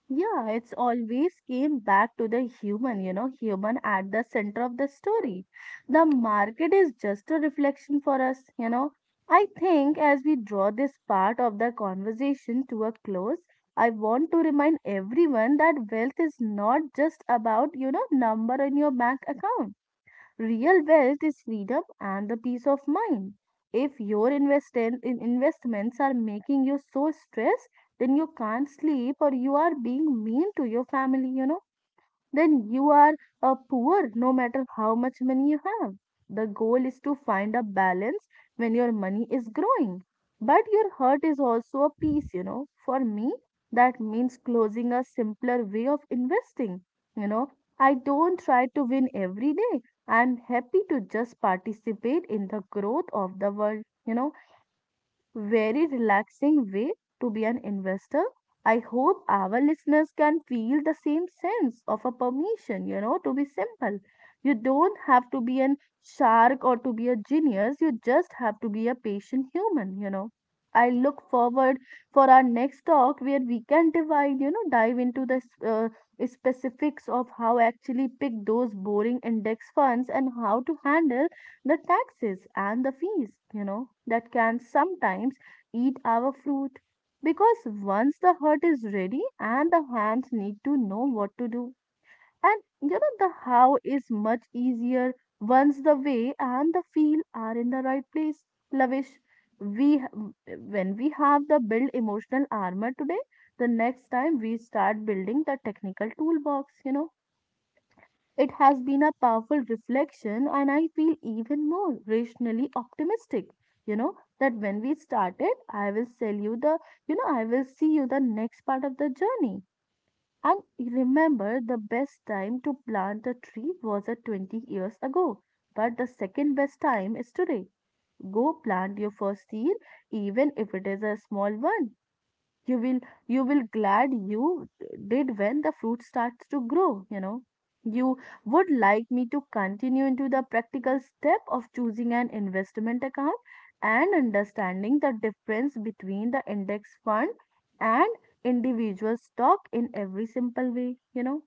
Yeah, it's always came back to the human, you know, human at the center of the story. The market is just a reflection for us, you know. I think as we draw this part of the conversation to a close, I want to remind everyone that wealth is not just about, you know, number in your bank account. Real wealth is freedom and the peace of mind. If your invest in investments are making you so stressed, then you can't sleep or you are being mean to your family, then you are a poor no matter how much money you have. The goal is to find a balance when your money is growing. But your heart is also a piece, you know. For me, that means closing a simpler way of investing. You know, I don't try to win every day. I'm happy to just participate in the growth of the world. You know, it is very relaxing way to be an investor. I hope our listeners can feel the same sense of a permission, you know, to be simple. You don't have to be a shark or to be a genius. You just have to be a patient human, you know. I look forward for our next talk where we can divide, you know, dive into the specifics of how actually pick those boring index funds and how to handle the taxes and the fees, you know, that can sometimes eat our fruit because once the heart is ready and the hands need to know what to do, and you know the how is much easier once the way and the feel are in the right place. Lavish, when we have the build emotional armor today, the next time we start building the technical toolbox, you know, it has been a powerful reflection, and I feel even more rationally optimistic. You know, that when we started, I will sell you the, you know, I will see you the next part of the journey. And remember, the best time to plant a tree was at 20 years ago, but the second best time is today. Go plant your first seed, even if it is a small one you will you will glad you did when the fruit starts to grow. You would like me to continue into the practical step of choosing an investment account and understanding the difference between the index fund and individual stock in every simple way. You know,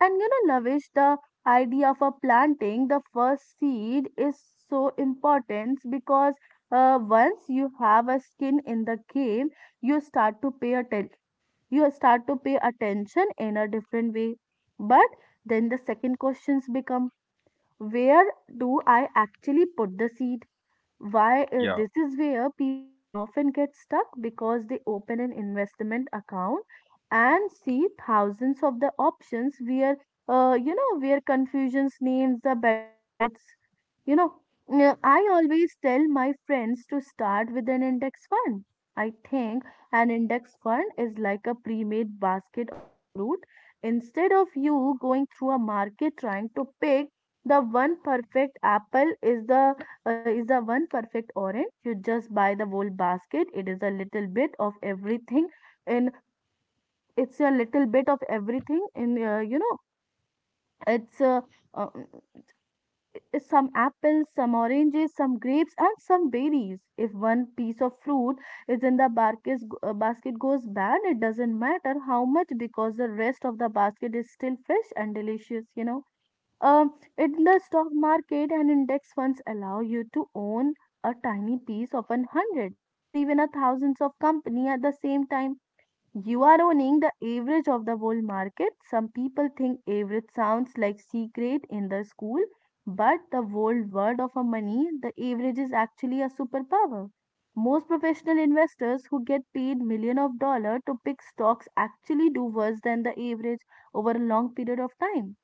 Lavish, the idea for planting the first seed is so important because once you have a skin in the game, you start to pay attention. You start to pay attention in a different way. But then the second questions become, where do I actually put the seed? Why
Yeah.
This is where people often get stuck because they open an investment account and see thousands of the options where where confusions names the better quotes you know I always tell my friends to start with an index fund. I think an index fund is like a pre-made basket of a fruit instead of you going through a market trying to pick the one perfect apple is the one perfect orange. You just buy the whole basket. It is a little bit of everything, and it's a little bit of everything. And you know, it's uh, I- Some apples, some oranges, some grapes, and some berries. If one piece of fruit is in the basket goes bad, it doesn't matter how much because the rest of the basket is still fresh and delicious, you know. In the stock market and index funds allow you to own a tiny piece of an hundred or even a thousands of company at the same time. You are owning the average of the whole market. Some people think average sounds like secret in the school, but the whole world of a money, the average is actually a superpower. Most professional investors who get paid million of dollar to pick stocks actually do worse than the average over a long period of time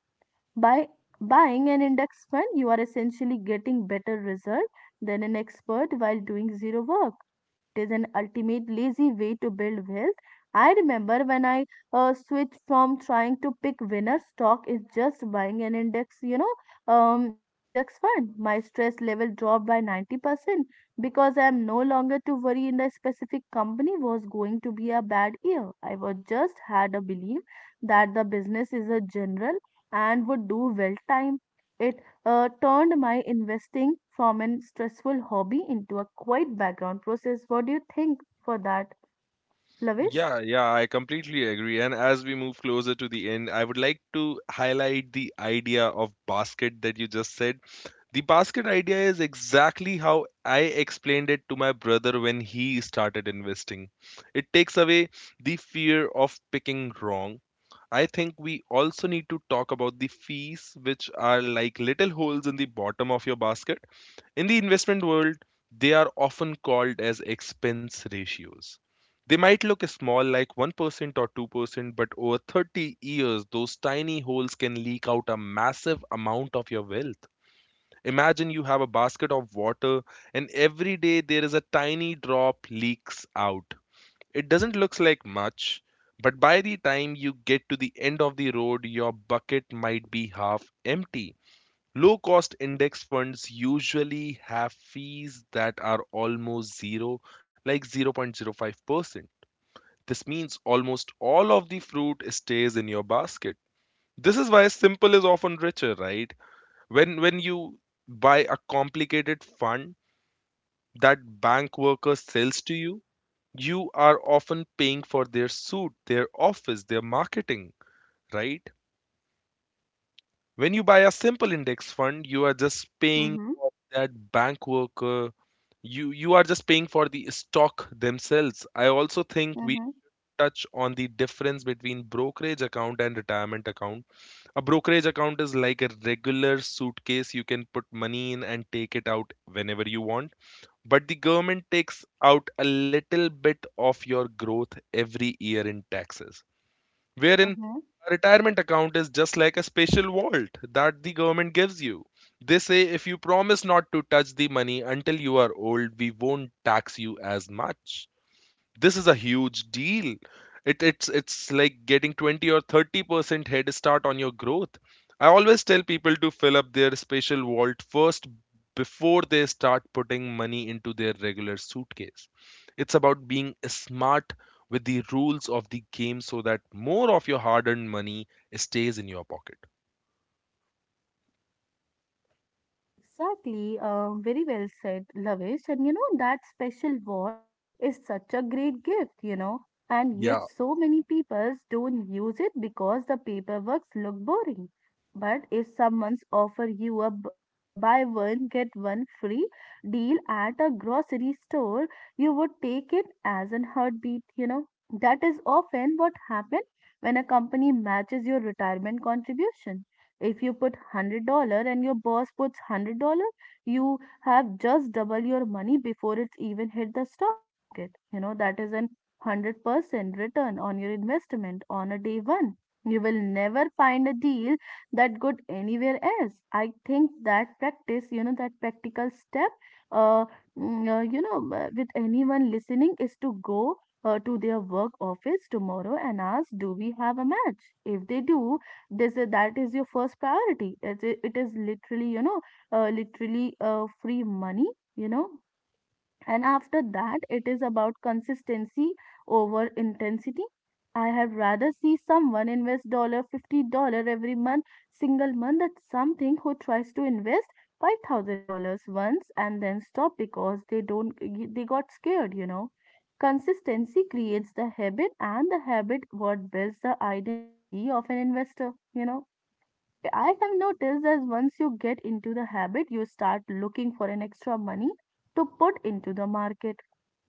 by buying an index fund, you are essentially getting better result than an expert while doing zero work. It is an ultimate lazy way to build wealth. I remember when I switched from trying to pick winner stock is just buying an index, you know, index fund. My stress level dropped by 90% because I am no longer to worry in the specific company was going to be a bad year. I was just had a belief that the business is a general and would do well time. It turned my investing from a stressful hobby into a quiet background process. What do you think for that, Lavish?
Yeah, yeah, I completely agree. And as we move closer to the end, I would like to highlight the idea of basket that you just said. The basket idea is exactly how I explained it to my brother when he started investing. It takes away the fear of picking wrong. I think we also need to talk about the fees, which are like little holes in the bottom of your basket. In the investment world, they are often called as expense ratios. They might look small, like 1% or 2%, but over 30 years, those tiny holes can leak out a massive amount of your wealth. Imagine you have a basket of water, and every day there is a tiny drop leaks out. It doesn't look like much, but by the time you get to the end of the road, your bucket might be half empty. Low cost index funds usually have fees that are almost zero, like 0.05%. This means almost all of the fruit stays in your basket. This is why simple is often richer, right? When you buy a complicated fund that bank worker sells to you, you are often paying for their suit, their office, their marketing, right? When you buy a simple index fund, you are just paying
Mm-hmm.
that bank worker, you are just paying for the stock themselves. I also think we
Mm-hmm.
touch on the difference between brokerage account and retirement account. A brokerage account is like a regular suitcase. You can put money in and take it out whenever you want, but the government takes out a little bit of your growth every year in taxes. Wherein
Mm-hmm.
a retirement account is just like a special vault that the government gives you. They say if you promise not to touch the money until you are old, we won't tax you as much. This is a huge deal. It's like getting 20 or 30% head start on your growth. I always tell people to fill up their special vault first before they start putting money into their regular suitcase. It's about being smart with the rules of the game so that more of your hard earned money stays in your pocket.
Exactly, very well said, Lavish. And you know, that special word is such a great gift, you know, and yet
Yeah.
so many people don't use it because the paperwork look boring. But if someone's offer you a buy one, get one free deal at a grocery store, you would take it as an heartbeat, you know. That is often what happens when a company matches your retirement contribution if you put $100 and your boss puts $100, you have just double your money before it's even hit the stock market. You know, that is an 100% return on your investment on a day one. You will never find a deal that good anywhere else. I think that practice, you know, that practical step, uh, with anyone listening is to go to their work office tomorrow and ask, do we have a match? If they do, this is that is your first priority. It is literally, literally free money, you know. And after that it is about consistency over intensity. I have rather see someone invest dollar $50 every month single month that something who tries to invest $5,000 once and then stop because they don't they got scared, you know. Consistency creates the habit and the habit what builds the identity of an investor, you know. I have noticed that once you get into the habit, you start looking for an extra money to put into the market,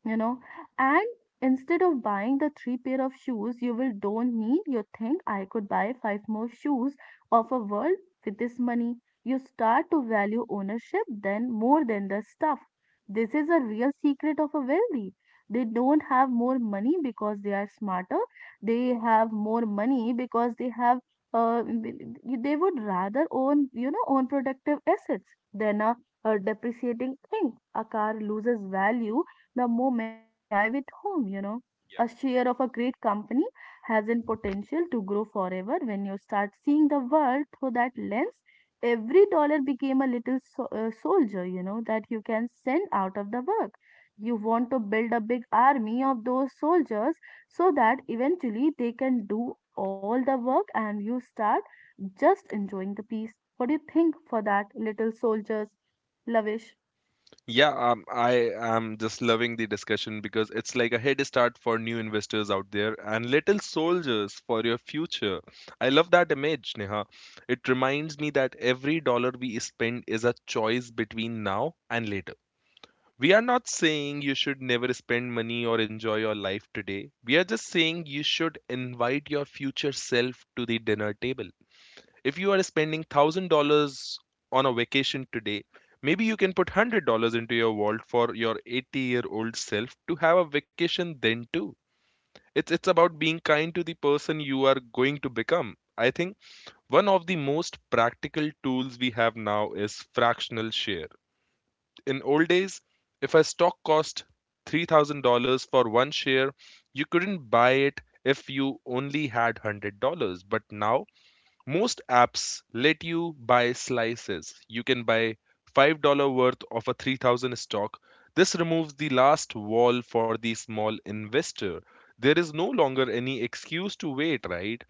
you know. And instead of buying the three pair of shoes you will don't need you think I could buy five more shoes of a world with this money. You start to value ownership then more than the stuff. This is a real secret of a wealthy. They don't have more money because they are smarter. They have more money because they they would rather own, you know, own productive assets than a depreciating thing. A car loses value the moment you drive it home, you know. A share of a great company has an potential to grow forever when you start seeing the world through that lens. Every dollar became a little soldier, you know, that you can send out of the work. You want to build a big army of those soldiers so that eventually they can do all the work and you start just enjoying the peace. What do you think for that, little soldiers? Lavish.
Yeah, I am just loving the discussion because it's like a head start for new investors out there and little soldiers for your future. I love that image, Neha. It reminds me that every dollar we spend is a choice between now and later. We are not saying you should never spend money or enjoy your life today. We are just saying you should invite your future self to the dinner table. If you are spending $1,000 on a vacation today, maybe you can put $100 into your vault for your 80-year-old self to have a vacation then too. It's about being kind to the person you are going to become. I think one of the most practical tools we have now is fractional share. In old days, if a stock cost $3,000 for one share, you couldn't buy it if you only had $100. But now, most apps let you buy slices. You can buy $5 worth of a 3,000 stock. This removes the last wall for the small investor. There is no longer any excuse to wait, right?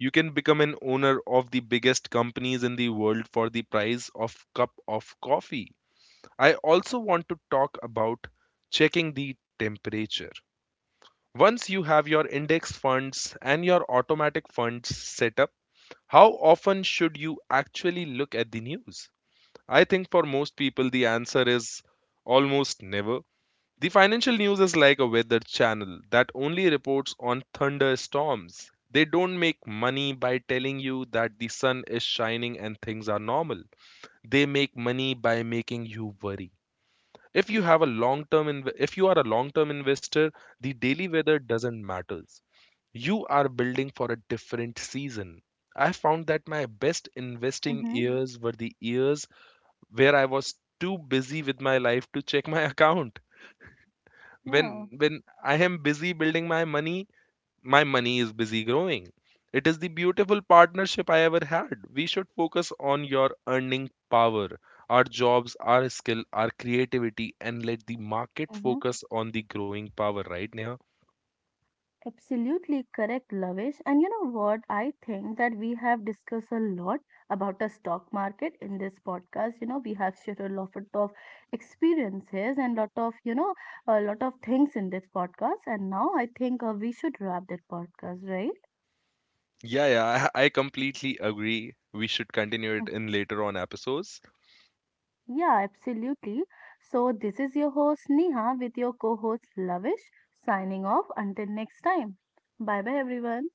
You can become an owner of the biggest companies in the world for the price of cup of coffee. I also want to talk about checking the temperature. Once you have your index funds and your automatic funds set up, how often should you actually look at the news? I think for most people, the answer is almost never. The financial news is like a weather channel that only reports on thunderstorms. They don't make money by telling you that the sun is shining and things are normal. They make money by making you worry. If you have a long term if you are a long term investor, the daily weather doesn't matter. You are building for a different season. I found that my best investing
Mm-hmm.
years were the years where I was too busy with my life to check my account. When
Yeah.
when I am busy building my money is busy growing. It is the beautiful partnership I ever had. We should focus on your earning power, our jobs, our skill, our creativity, and let the market
Mm-hmm.
focus on the growing power, right, Neha?
Absolutely correct, Lavish. And you know what? I think that we have discussed a lot about the stock market in this podcast. You know, we have shared a lot of experiences and lot of, you know, a lot of things in this podcast. And now I think we should wrap that podcast, right?
Yeah, yeah, I completely agree. We should continue it
Mm.
in later on episodes.
Yeah, absolutely. So this is your host Neha with your co-host Lavish signing off until next time. Bye bye everyone.